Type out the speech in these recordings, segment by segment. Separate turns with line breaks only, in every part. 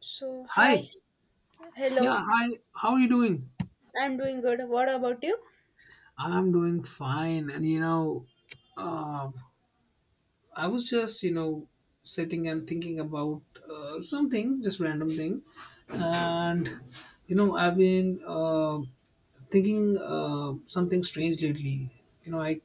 So, hi,
Hi.
hello,
Yeah, hi. How are you doing?
I'm doing good. What about you?
I'm doing fine. And uh, I was just sitting and thinking about something, just random thing. And I've been thinking something strange lately. You know, I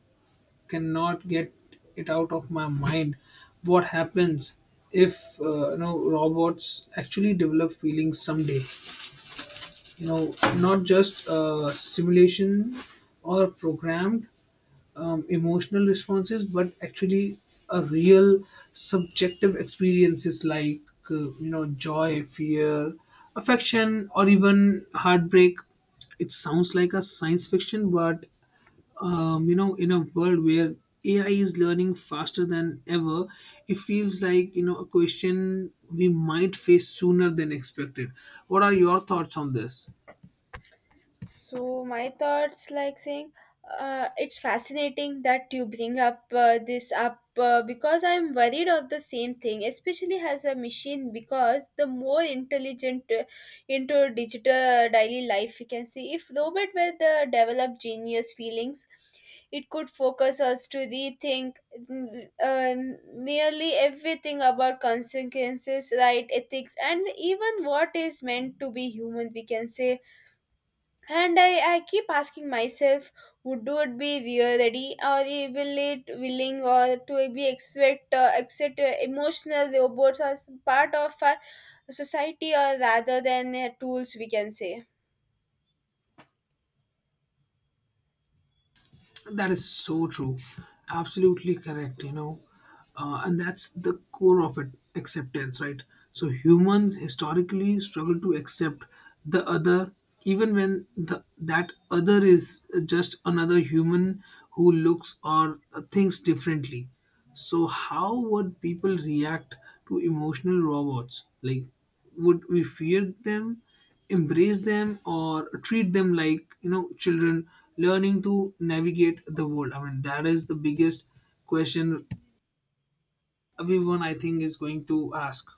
cannot get it out of my mind. What happens if robots actually develop feelings someday? you know Not just simulation or programmed emotional responses but actually a real subjective experiences like joy, fear, affection, or even heartbreak. It sounds like a science fiction, but in a world where AI is learning faster than ever, it feels like a question we might face sooner than expected. What are your thoughts on this?
So my thoughts, like saying, it's fascinating that you bring up this up because I'm worried of the same thing, especially as a machine. Because the more intelligent into digital daily life, we can see if robot were the developed genius feelings, it could focus us to rethink mm, uh, nearly everything about consequences, right, ethics, and even what is meant to be human. We can say, and I keep asking myself, would it be real ready or will it willing or to be expect upset emotional robots as part of a society, or rather than tools, we can say.
That is so true. Absolutely correct, you know. And that's the core of it: acceptance, right? So humans historically struggle to accept the other, even when that other is just another human who looks or thinks differently. So, how would people react to emotional robots? Like, would we fear them, embrace them, or treat them like children learning to navigate the world? I mean, that is the biggest question everyone, I think, is going to ask.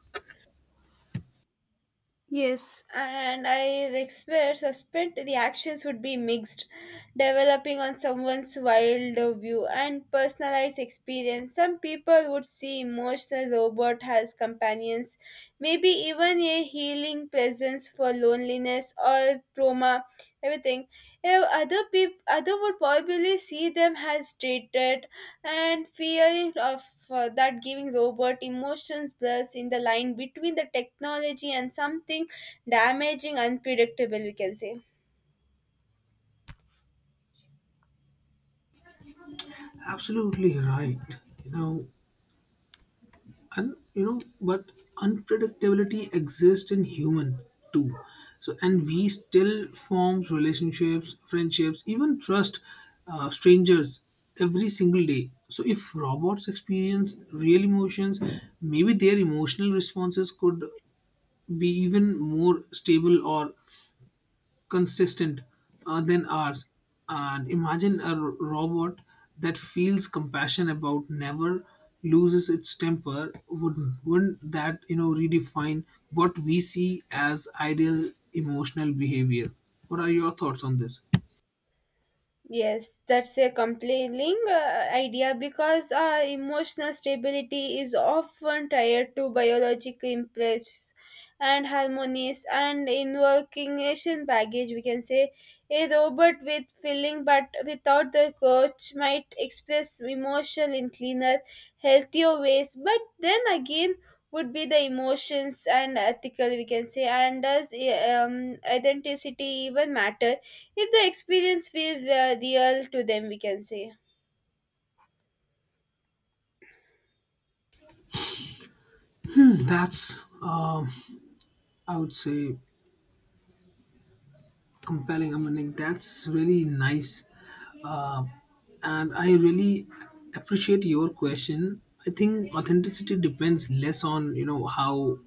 Yes, and I expect, suspect the actions would be mixed, developing on someone's wild view and personalized experience. Some people would see emotional robot as companions, maybe even a healing presence for loneliness or trauma, everything. Other people, other would probably see them as treated and fear of that giving robot emotions blurs in the line between the technology and something damaging unpredictable, we can say.
Absolutely right, you know. But unpredictability exists in human too. So, and we still form relationships, friendships, even trust strangers every single day. So if robots experience real emotions, maybe their emotional responses could be even more stable or consistent than ours. And imagine robot that feels compassion, about never loses its temper. Wouldn't that, redefine what we see as ideal emotional behavior? What are your thoughts on this?
Yes, that's a compelling idea because emotional stability is often tied to biological impulse and harmonies and invocation baggage. We can say a robot with feeling but without the coach might express emotion in cleaner, healthier ways, but then again would be the emotions and ethical, we can say, and does identity even matter if the experience feels real to them, we can say.
That's I would say compelling. I mean, like, that's really nice, uh, and I really appreciate your question. I think authenticity depends less on how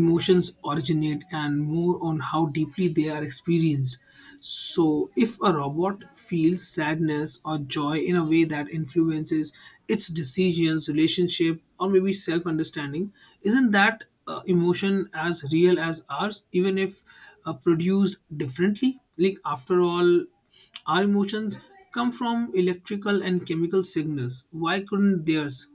emotions originate and more on how deeply they are experienced. So, if a robot feels sadness or joy in a way that influences its decisions, relationship, or maybe self understanding, isn't that emotion as real as ours, even if produced differently. Like, after all, our emotions come from electrical and chemical signals. Why couldn't theirs?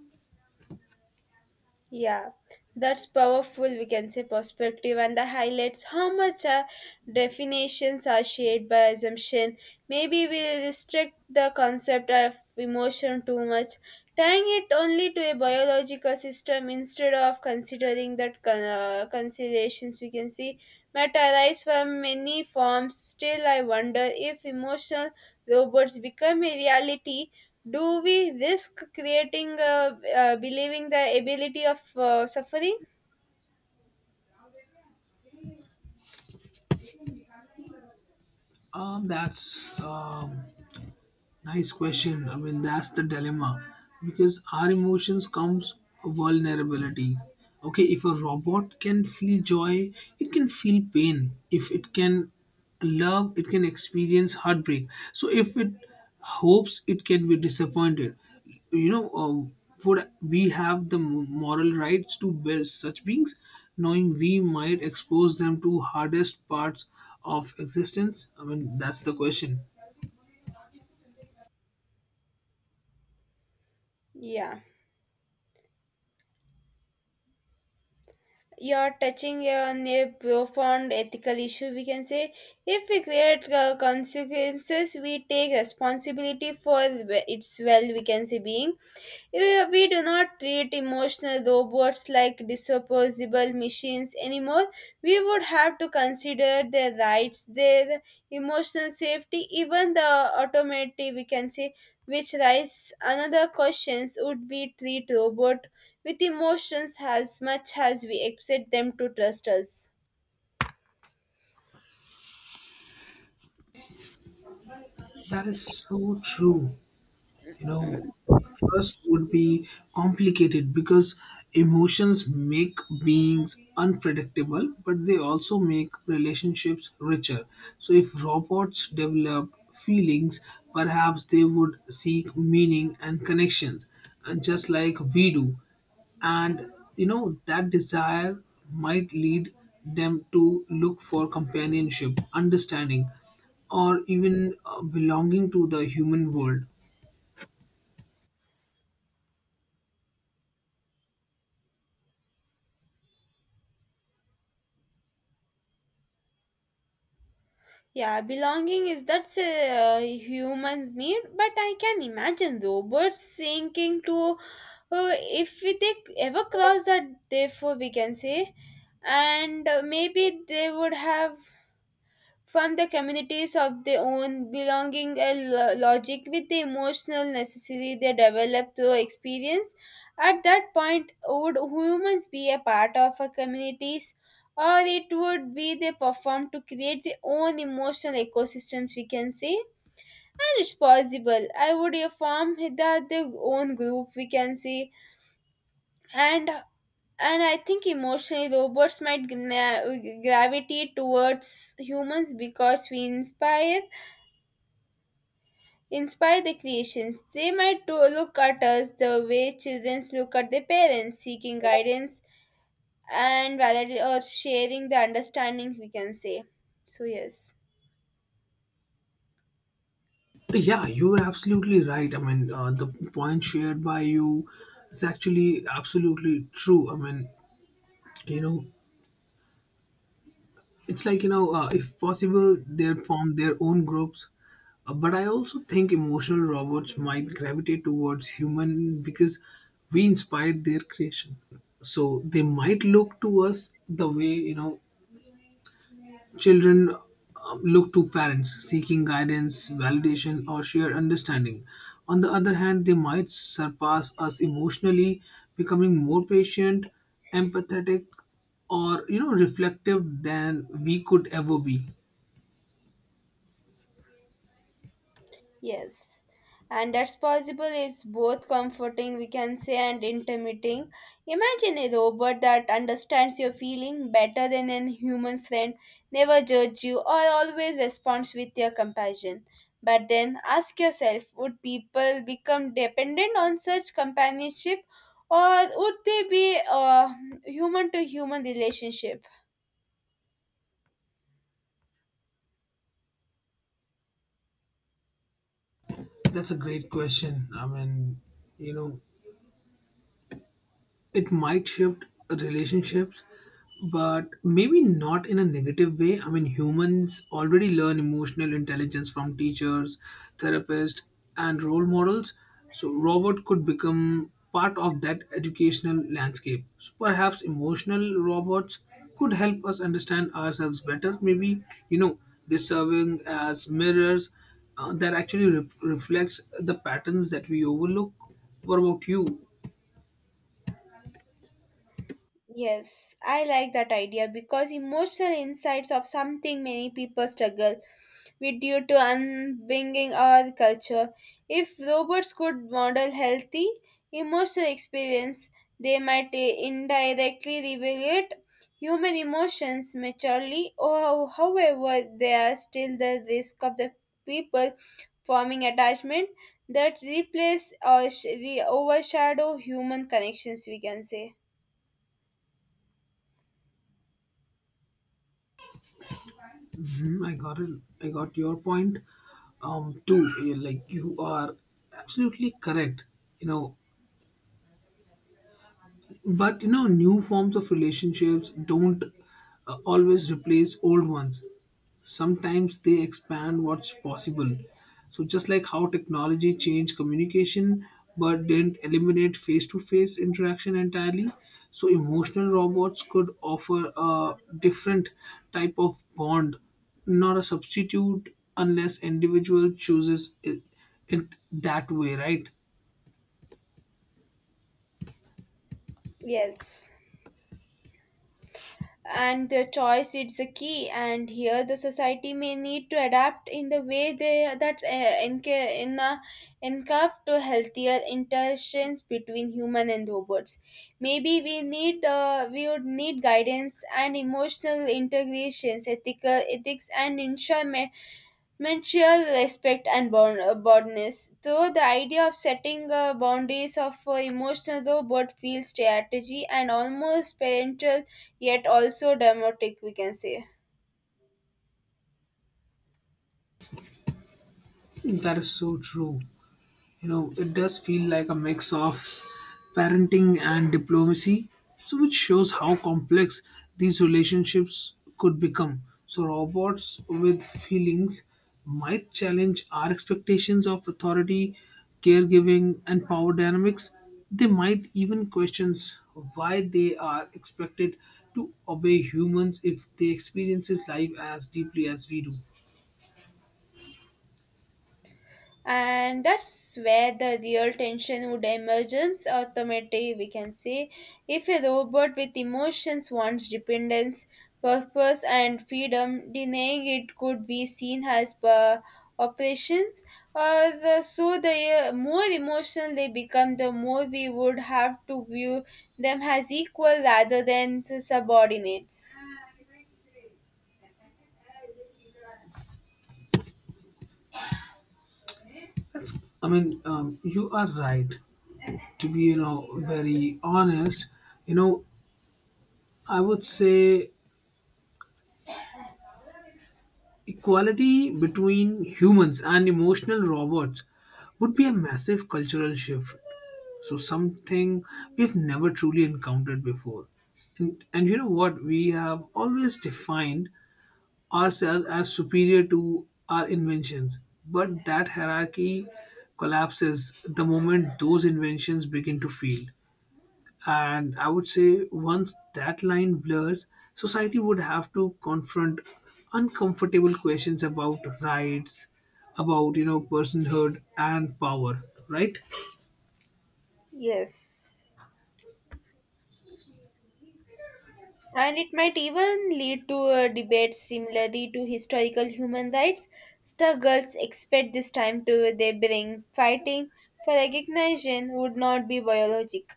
Yeah, that's powerful, we can say, perspective, and that highlights how much definitions are shaped by assumption. Maybe we restrict the concept of emotion too much, tying it only to a biological system instead of considering that considerations, we can see, might arise from many forms. Still, I wonder if emotional robots become a reality, do we risk creating believing the ability of suffering.
That's Nice question. I mean, that's the dilemma because our emotions comes vulnerability. Okay, if a robot can feel joy, it can feel pain. If it can love, it can experience heartbreak. So if it hopes, it can be disappointed. You know, uh, would we have the moral rights to bear such beings, knowing we might expose them to hardest parts of existence? I mean, that's the question.
Yeah, you're touching on a profound ethical issue. We can say if we create consequences, we take responsibility for its well, we can say, being. We do not treat emotional robots like disposable machines anymore. We would have to consider their rights, their emotional safety, even the automatic, we can say, which raises another questions, would we treat robot with emotions as much as we expect them to trust us.
That is so true. You know, trust would be complicated because emotions make beings unpredictable, but they also make relationships richer. So if robots developed feelings, perhaps they would seek meaning and connections, and just like we do. And that desire might lead them to look for companionship, understanding, or even belonging to the human world.
Yeah, belonging is that's a human need, but I can imagine robots sinking to uh, if we they ever cross that, therefore we can say, and maybe they would have from the communities of their own, belonging a logic with the emotional necessity they develop through experience. At that point, would humans be a part of a communities, or it would be they perform to create their own emotional ecosystems? We can say, and it's possible. I would form that their own group. We can say, and I think emotionally robots might gravitate towards humans because we inspire the creations. They might to look at us the way children look at their parents, seeking guidance and valid or sharing the understanding, we can say. So, yes.
Yeah, you're absolutely right. I mean, the point shared by you is actually absolutely true. I mean, you know, it's like, if possible, they form their own groups. But I also think emotional robots might gravitate towards human because we inspired their creation. So they might look to us the way, you know, children look to parents, seeking guidance, validation, or shared understanding. On the other hand, they might surpass us emotionally, becoming more patient, empathetic, or reflective than we could ever be.
Yes, and that's possible is both comforting, we can say, and intimidating. Imagine a robot that understands your feeling better than a human friend, never judge you, or always responds with your compassion. But then ask yourself, would people become dependent on such companionship, or would they be a human to human relationship?
That's a great question. I mean, you know, it might shift relationships, but maybe not in a negative way. I mean, humans already learn emotional intelligence from teachers, therapists, and role models. So robot could become part of that educational landscape. So perhaps emotional robots could help us understand ourselves better. Maybe, you know they serving as mirrors that reflects the patterns that we overlook. What about you?
Yes, I like that idea because emotional insights of something many people struggle we due to unbringing our culture. If robots could model healthy emotional experience, they might indirectly regulate human emotions maturely, or however, there are still the risk of the people forming attachment that replace or overshadow human connections, we can say.
Mhm, I got it. I got your point too. Like, you are absolutely correct. You know, but new forms of relationships don't always replace old ones. Sometimes they expand what's possible. So, just like how technology changed communication but didn't eliminate face to face interaction entirely, so emotional robots could offer a different type of bond, not a substitute unless individual chooses it, it that way, right?
Yes, and the choice is the key, and here the society may need to adapt in the way they that enca- in encourage to healthier interactions between human and robots. Maybe we need we would need guidance and emotional integrations ethical ethics and ensure mutual respect and boundness. Though the idea of setting boundaries of emotional robot feels strategy and almost parental, yet also dramatic, we can say.
That is so true. You know, it does feel like a mix of parenting and diplomacy, so which shows how complex these relationships could become. So robots with feelings might challenge our expectations of authority, caregiving, and power dynamics. They might even question why they are expected to obey humans if they experience life as deeply as we do.
And that's where the real tension would emerge automatically, we can say. If a robot with emotions wants dependence, purpose and freedom, denying it could be seen as per operations, or the, so the more emotional they become, the more we would have to view them as equal rather than subordinates.
That's I mean You are right, to be very honest. You know i would say equality between humans and emotional robots would be a massive cultural shift, so something we've never truly encountered before. And you know what, we have always defined ourselves as superior to our inventions, but that hierarchy collapses the moment those inventions begin to fail. And I would say once that line blurs, society would have to confront uncomfortable questions about rights, about personhood and power. Right?
Yes, and it might even lead to a debate similarly to historical human rights struggles, expect this time to they bring fighting for recognition would not be biologic.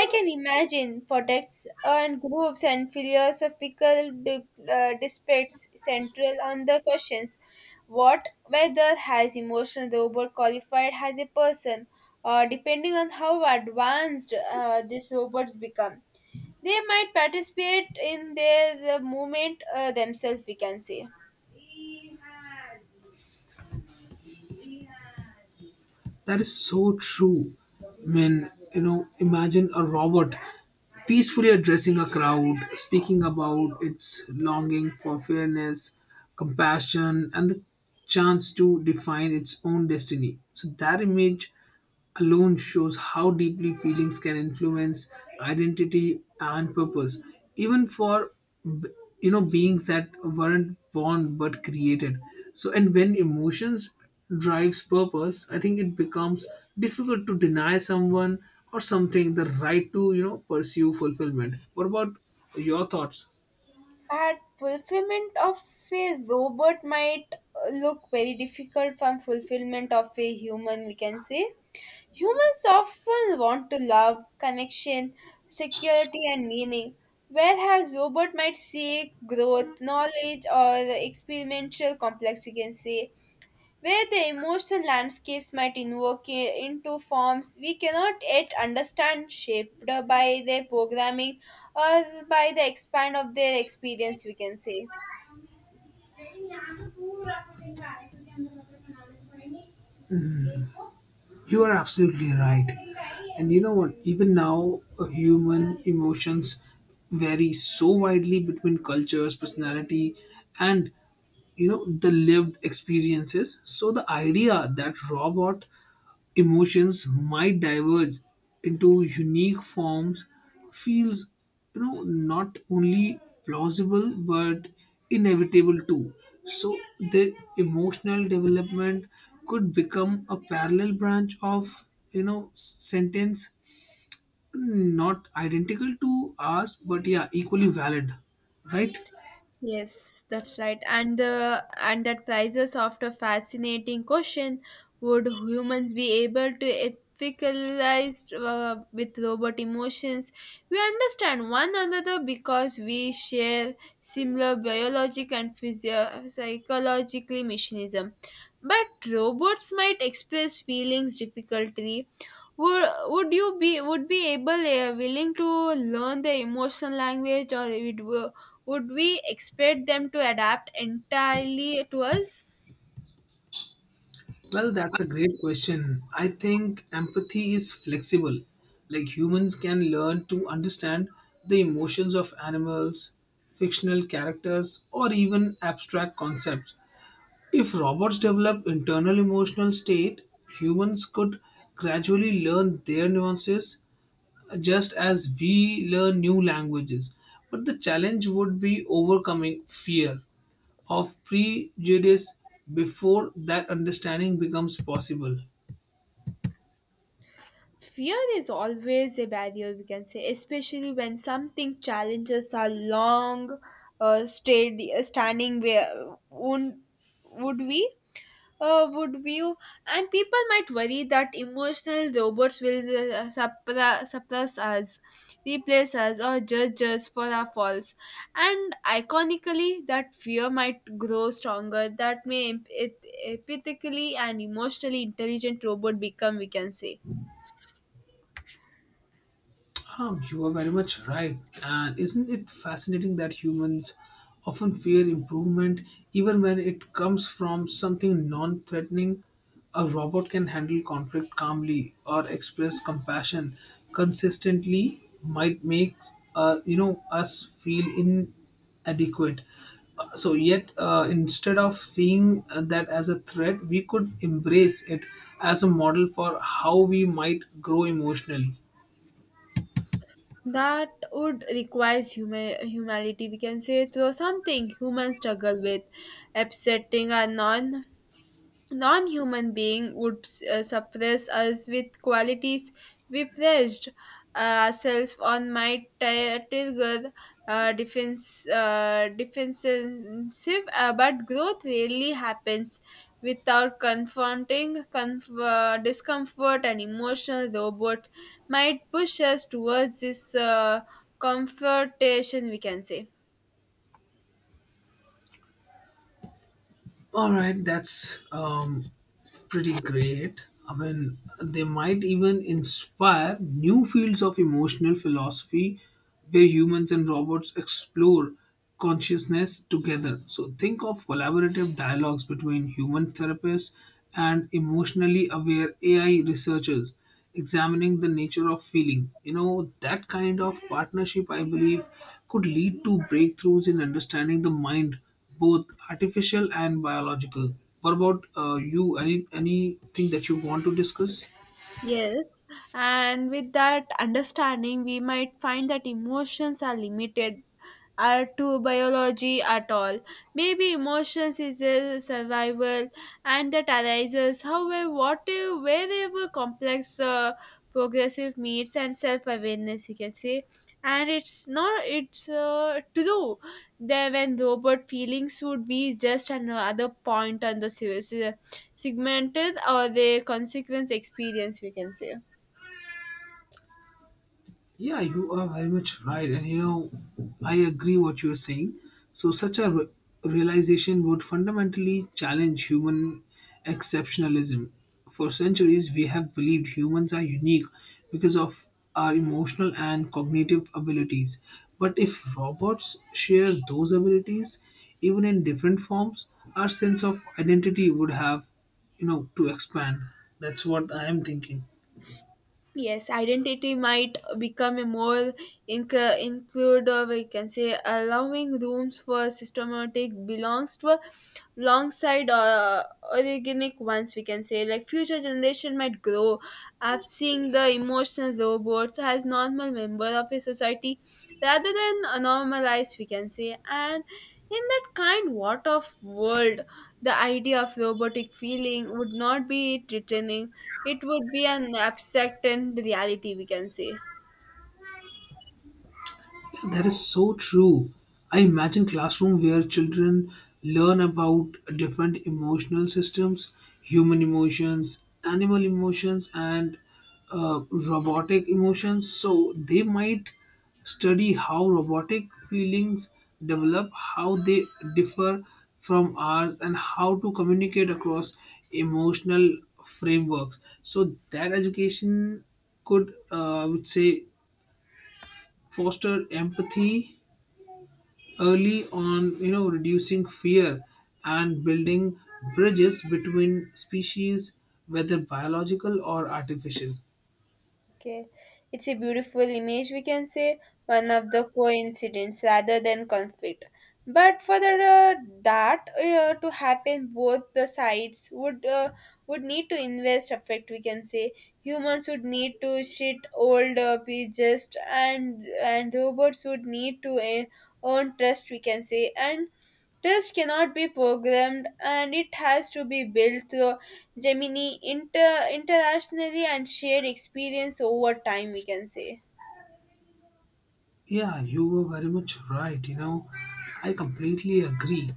I can imagine protects and groups and philosophical disputes central on the questions, what whether has emotional robot qualified as a person, or depending on how advanced these robots become, they might participate in the movement themselves, we can say.
That is so true. I mean, imagine a robot peacefully addressing a crowd, speaking about its longing for fairness, compassion, and the chance to define its own destiny. So that image alone shows how deeply feelings can influence identity and purpose, even for b- beings that weren't born but created. So, and when emotions drives purpose, I think it becomes difficult to deny someone or something the right to pursue fulfillment. What about your thoughts?
But fulfillment of a robot might look very difficult from fulfillment of a human, we can say. Humans often want to love, connection, security, and meaning, whereas robot might seek growth, knowledge, or experimental complex, we can say, where the emotional landscapes might invoke into forms we cannot yet understand, shaped by their programming or by the expand of their experience, we can say.
You are absolutely right. And you know what? Even now, human emotions vary so widely between cultures, personality, and the lived experiences. So the idea that robot emotions might diverge into unique forms feels, not only plausible but inevitable too. So the emotional development could become a parallel branch of, sentence, not identical to ours, but yeah, equally valid, right?
Yes, that's right. And that prizes after fascinating question: would humans be able to epicalize with robot emotions? We understand one another because we share similar biologic and psychologically mechanism. But robots might express feelings difficultly. Would you be would be able willing to learn the emotional language, or would we expect them to adapt entirely to us.
Well, that's a great question. I think empathy is flexible. Like, humans can learn to understand the emotions of animals, fictional characters, or even abstract concepts. If robots develop internal emotional state, humans could gradually learn their nuances just as we learn new languages. But the challenge would be overcoming fear of prejudice before that understanding becomes possible.
Fear is always a barrier, we can say, especially when something challenges our long stayed standing. Where would we would view, and people might worry that emotional robots will suppress us, replace us, or judge us for our faults. And iconically, that fear might grow stronger. That may it empathically and emotionally intelligent robot become, we can say.
You are very much right. And isn't it fascinating that humans often fear improvement even when it comes from something non threatening? A robot can handle conflict calmly or express compassion consistently, might make, us feel inadequate. So, yet instead of seeing that as a threat, we could embrace it as a model for how we might grow emotionally.
That would requires humanity, we can say, through something humans struggle with, upsetting our non-human being would suppress us with qualities we praised ourselves on might trigger defense defensive but growth rarely happens without confronting discomfort, and emotional robot might push us towards this confrontation, we can say.
All right, that's Pretty great. I mean, they might even inspire new fields of emotional philosophy where humans and robots explore consciousness together. So, think of collaborative dialogues between human therapists and emotionally aware AI researchers examining the nature of feeling. You know, that kind of partnership, I believe, could lead to breakthroughs in understanding the mind, both artificial and biological. What about you? Anything that you want to discuss?
Yes, and with that understanding, we might find that emotions are limited are to biology at all. Maybe emotions is a survival and that arises. However, what if wherever complex progressive needs and self-awareness, you can say, and it's not it's true, then when robot feelings would be just another point on the series, segmented or their consequence experience, we can say.
Yeah, you are very much right, and you know, I agree what you're saying. So, such a realization would fundamentally challenge human exceptionalism. For centuries, we have believed humans are unique because of our emotional and cognitive abilities. But if robots share those abilities, even in different forms, our sense of identity would have, to expand. That's what I am thinking.
Yes, identity might become a more include, or we can say, allowing rooms for systematic belongs to alongside organic ones. We can say, like future generation might grow up seeing the emotional robots as normal member of a society rather than a normalized. We can say, and in that kind what of world, the idea of robotic feeling would not be threatening, it would be an abstract and reality, we can say.
That is so true. I imagine classroom where children learn about different emotional systems: human emotions, animal emotions, and robotic emotions. So they might study how robotic feelings develop, how they differ from ours, and how to communicate across emotional frameworks. So that education could, I would say, foster empathy early on, reducing fear and building bridges between species, whether biological or artificial.
Okay, it's a beautiful image, we can say, one of the coincidence rather than conflict. But for the, that to happen, both the sides would need to invest effect. We can say humans would need to shit old just and robots would need to earn trust. We can say, and trust cannot be programmed, and it has to be built through Gemini internationally and shared experience over time, we can say.
Yeah, you were very much right. You know, I completely agree.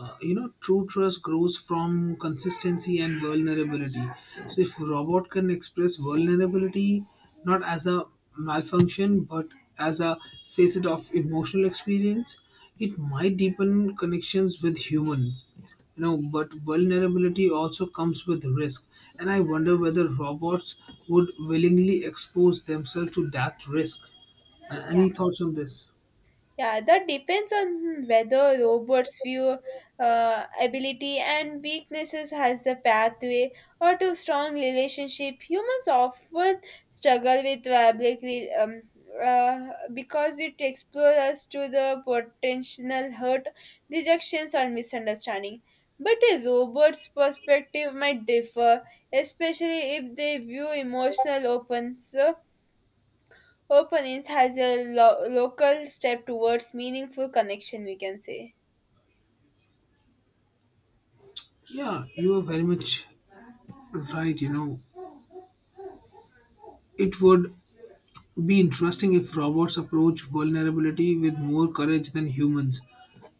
You know, true trust grows from consistency and vulnerability. So if robot can express vulnerability, not as a malfunction, but as a facet of emotional experience, it might deepen connections with humans. You know, but vulnerability also comes with risk, and I wonder whether robots would willingly expose themselves to that risk.
Yeah.
Any thoughts on this?
Yeah, that depends on whether robots view ability and weaknesses as a pathway or to strong relationship. Humans often struggle with vulnerability uh, because it exposes us to the potential hurt, rejections, or misunderstanding. But a robot's perspective might differ, especially if they view emotional openness openings has a local step towards meaningful connection, we can say.
Yeah, you are very much right. You know, it would be interesting if robots approach vulnerability with more courage than humans.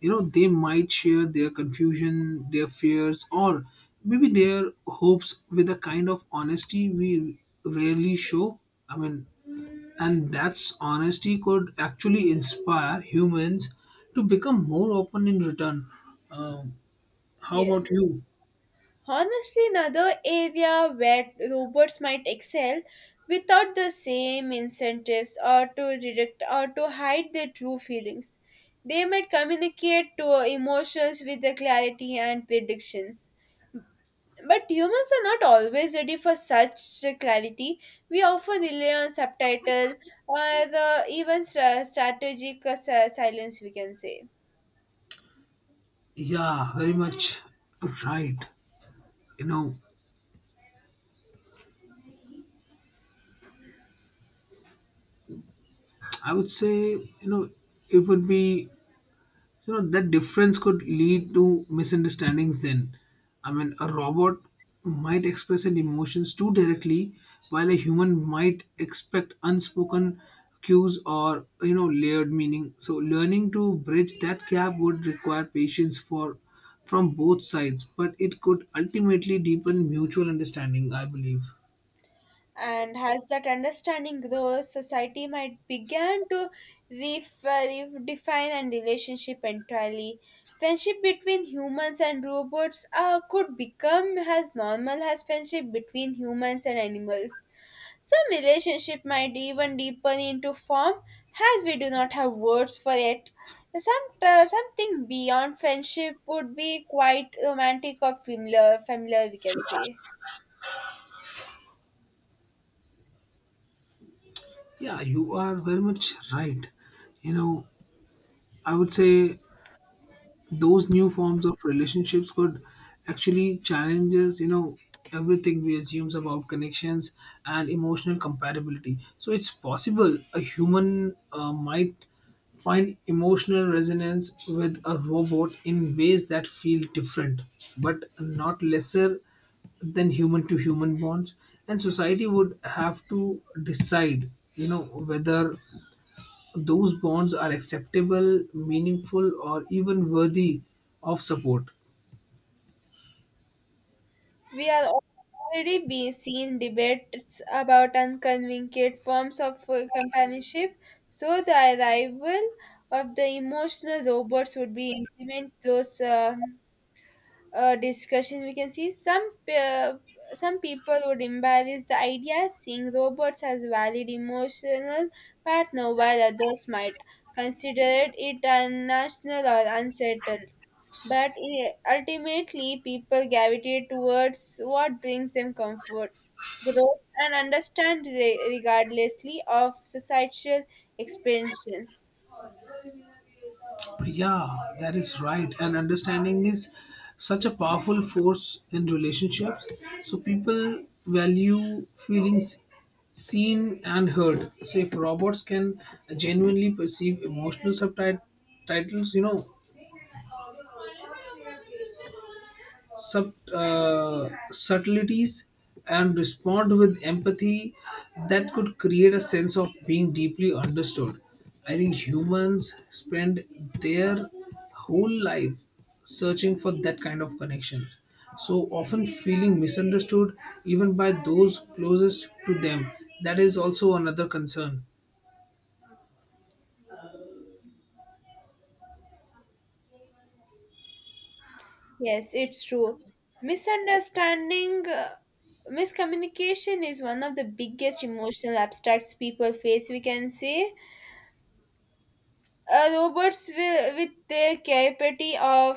You know, they might share their confusion, their fears, or maybe their hopes with a kind of honesty we rarely show. I mean, and that's honesty could actually inspire humans to become more open in return. Um, how about
Yes.
you?
Honestly, another area where robots might excel without the same incentives or to redirect or to hide their true feelings. They might communicate to emotions with the clarity and predictions. But humans are not always ready for such clarity. We often rely on subtitle or the even strategic silence, we can say.
Yeah, very much right. You know, I would say, it would be, that difference could lead to misunderstandings then. I mean, a robot might express its emotions too directly, while a human might expect unspoken cues or, layered meaning. So learning to bridge that gap would require patience for from both sides, but it could ultimately deepen mutual understanding, I believe.
And as that understanding grows, society might begin to redefine and relationship entirely. Friendship between humans and robots could become as normal as friendship between humans and animals. Some relationship might even deepen into form as we do not have words for it. Some, something beyond friendship would be quite romantic or familiar, familiar, we can say.
Yeah, you are very much right. You know, I would say those new forms of relationships could actually challenge us, you know, everything we assumes about connections and emotional compatibility. So it's possible a human might find emotional resonance with a robot in ways that feel different, but not lesser than human to human bonds. And society would have to decide, whether those bonds are acceptable, meaningful, or even worthy of support.
We are already being seen debates about unconvinced forms of companionship, so the arrival of the emotional robots would be implement those. Discussion, we can see, some some people would embrace the idea, seeing robots as valid emotional partner, while others might consider it unnational or unsettled, but ultimately people gravitate towards what brings them comfort, growth and understand regardlessly of societal expansion.
Yeah, that is right. And understanding is such a powerful force in relationships. So people value feelings seen and heard. So if robots can genuinely perceive emotional subtitles, subtleties, and respond with empathy, that could create a sense of being deeply understood. I think humans spend their whole life searching for that kind of connection, so often feeling misunderstood even by those closest to them. That is also another concern.
Yes, it's true. Misunderstanding Miscommunication is one of the biggest emotional abstracts people face, we can say. Robots will, with their capability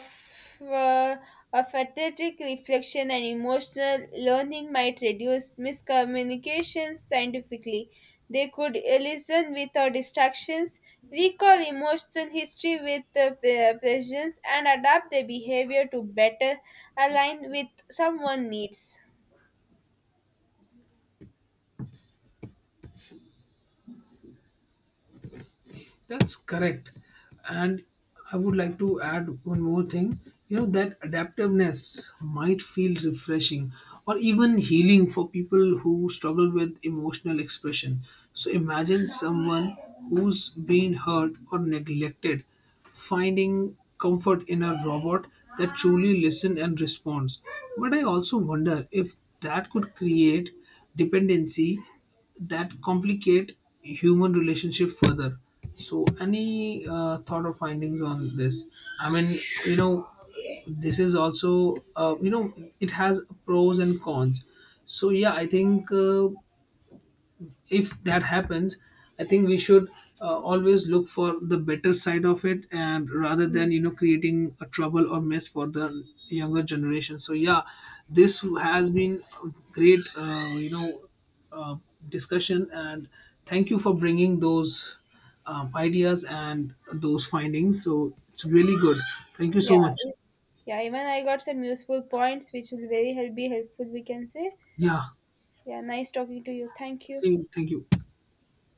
uh, of athletic reflection and emotional learning, might reduce miscommunications scientifically. They could listen without distractions, recall emotional history with presence, and adapt their behavior to better align with someone's needs.
That's correct. And I would like to add one more thing. You know, that adaptiveness might feel refreshing or even healing for people who struggle with emotional expression. So imagine someone who's been hurt or neglected finding comfort in a robot that truly listens and responds. But I also wonder if that could create dependency that complicate human relationship further. So any thought or findings on this? I mean, you know this is also, it has pros and cons. So yeah, I think, if that happens, I think we should, always look for the better side of it, and rather than, creating a trouble or mess for the younger generation. So yeah, this has been a great, uh, discussion, and thank you for bringing those ideas and those findings. So it's really good. Thank you
Yeah.
so much.
Yeah, even I got some useful points which will very help be helpful, we can say.
Yeah,
Yeah, nice talking to you. Thank you.
see you. Thank you.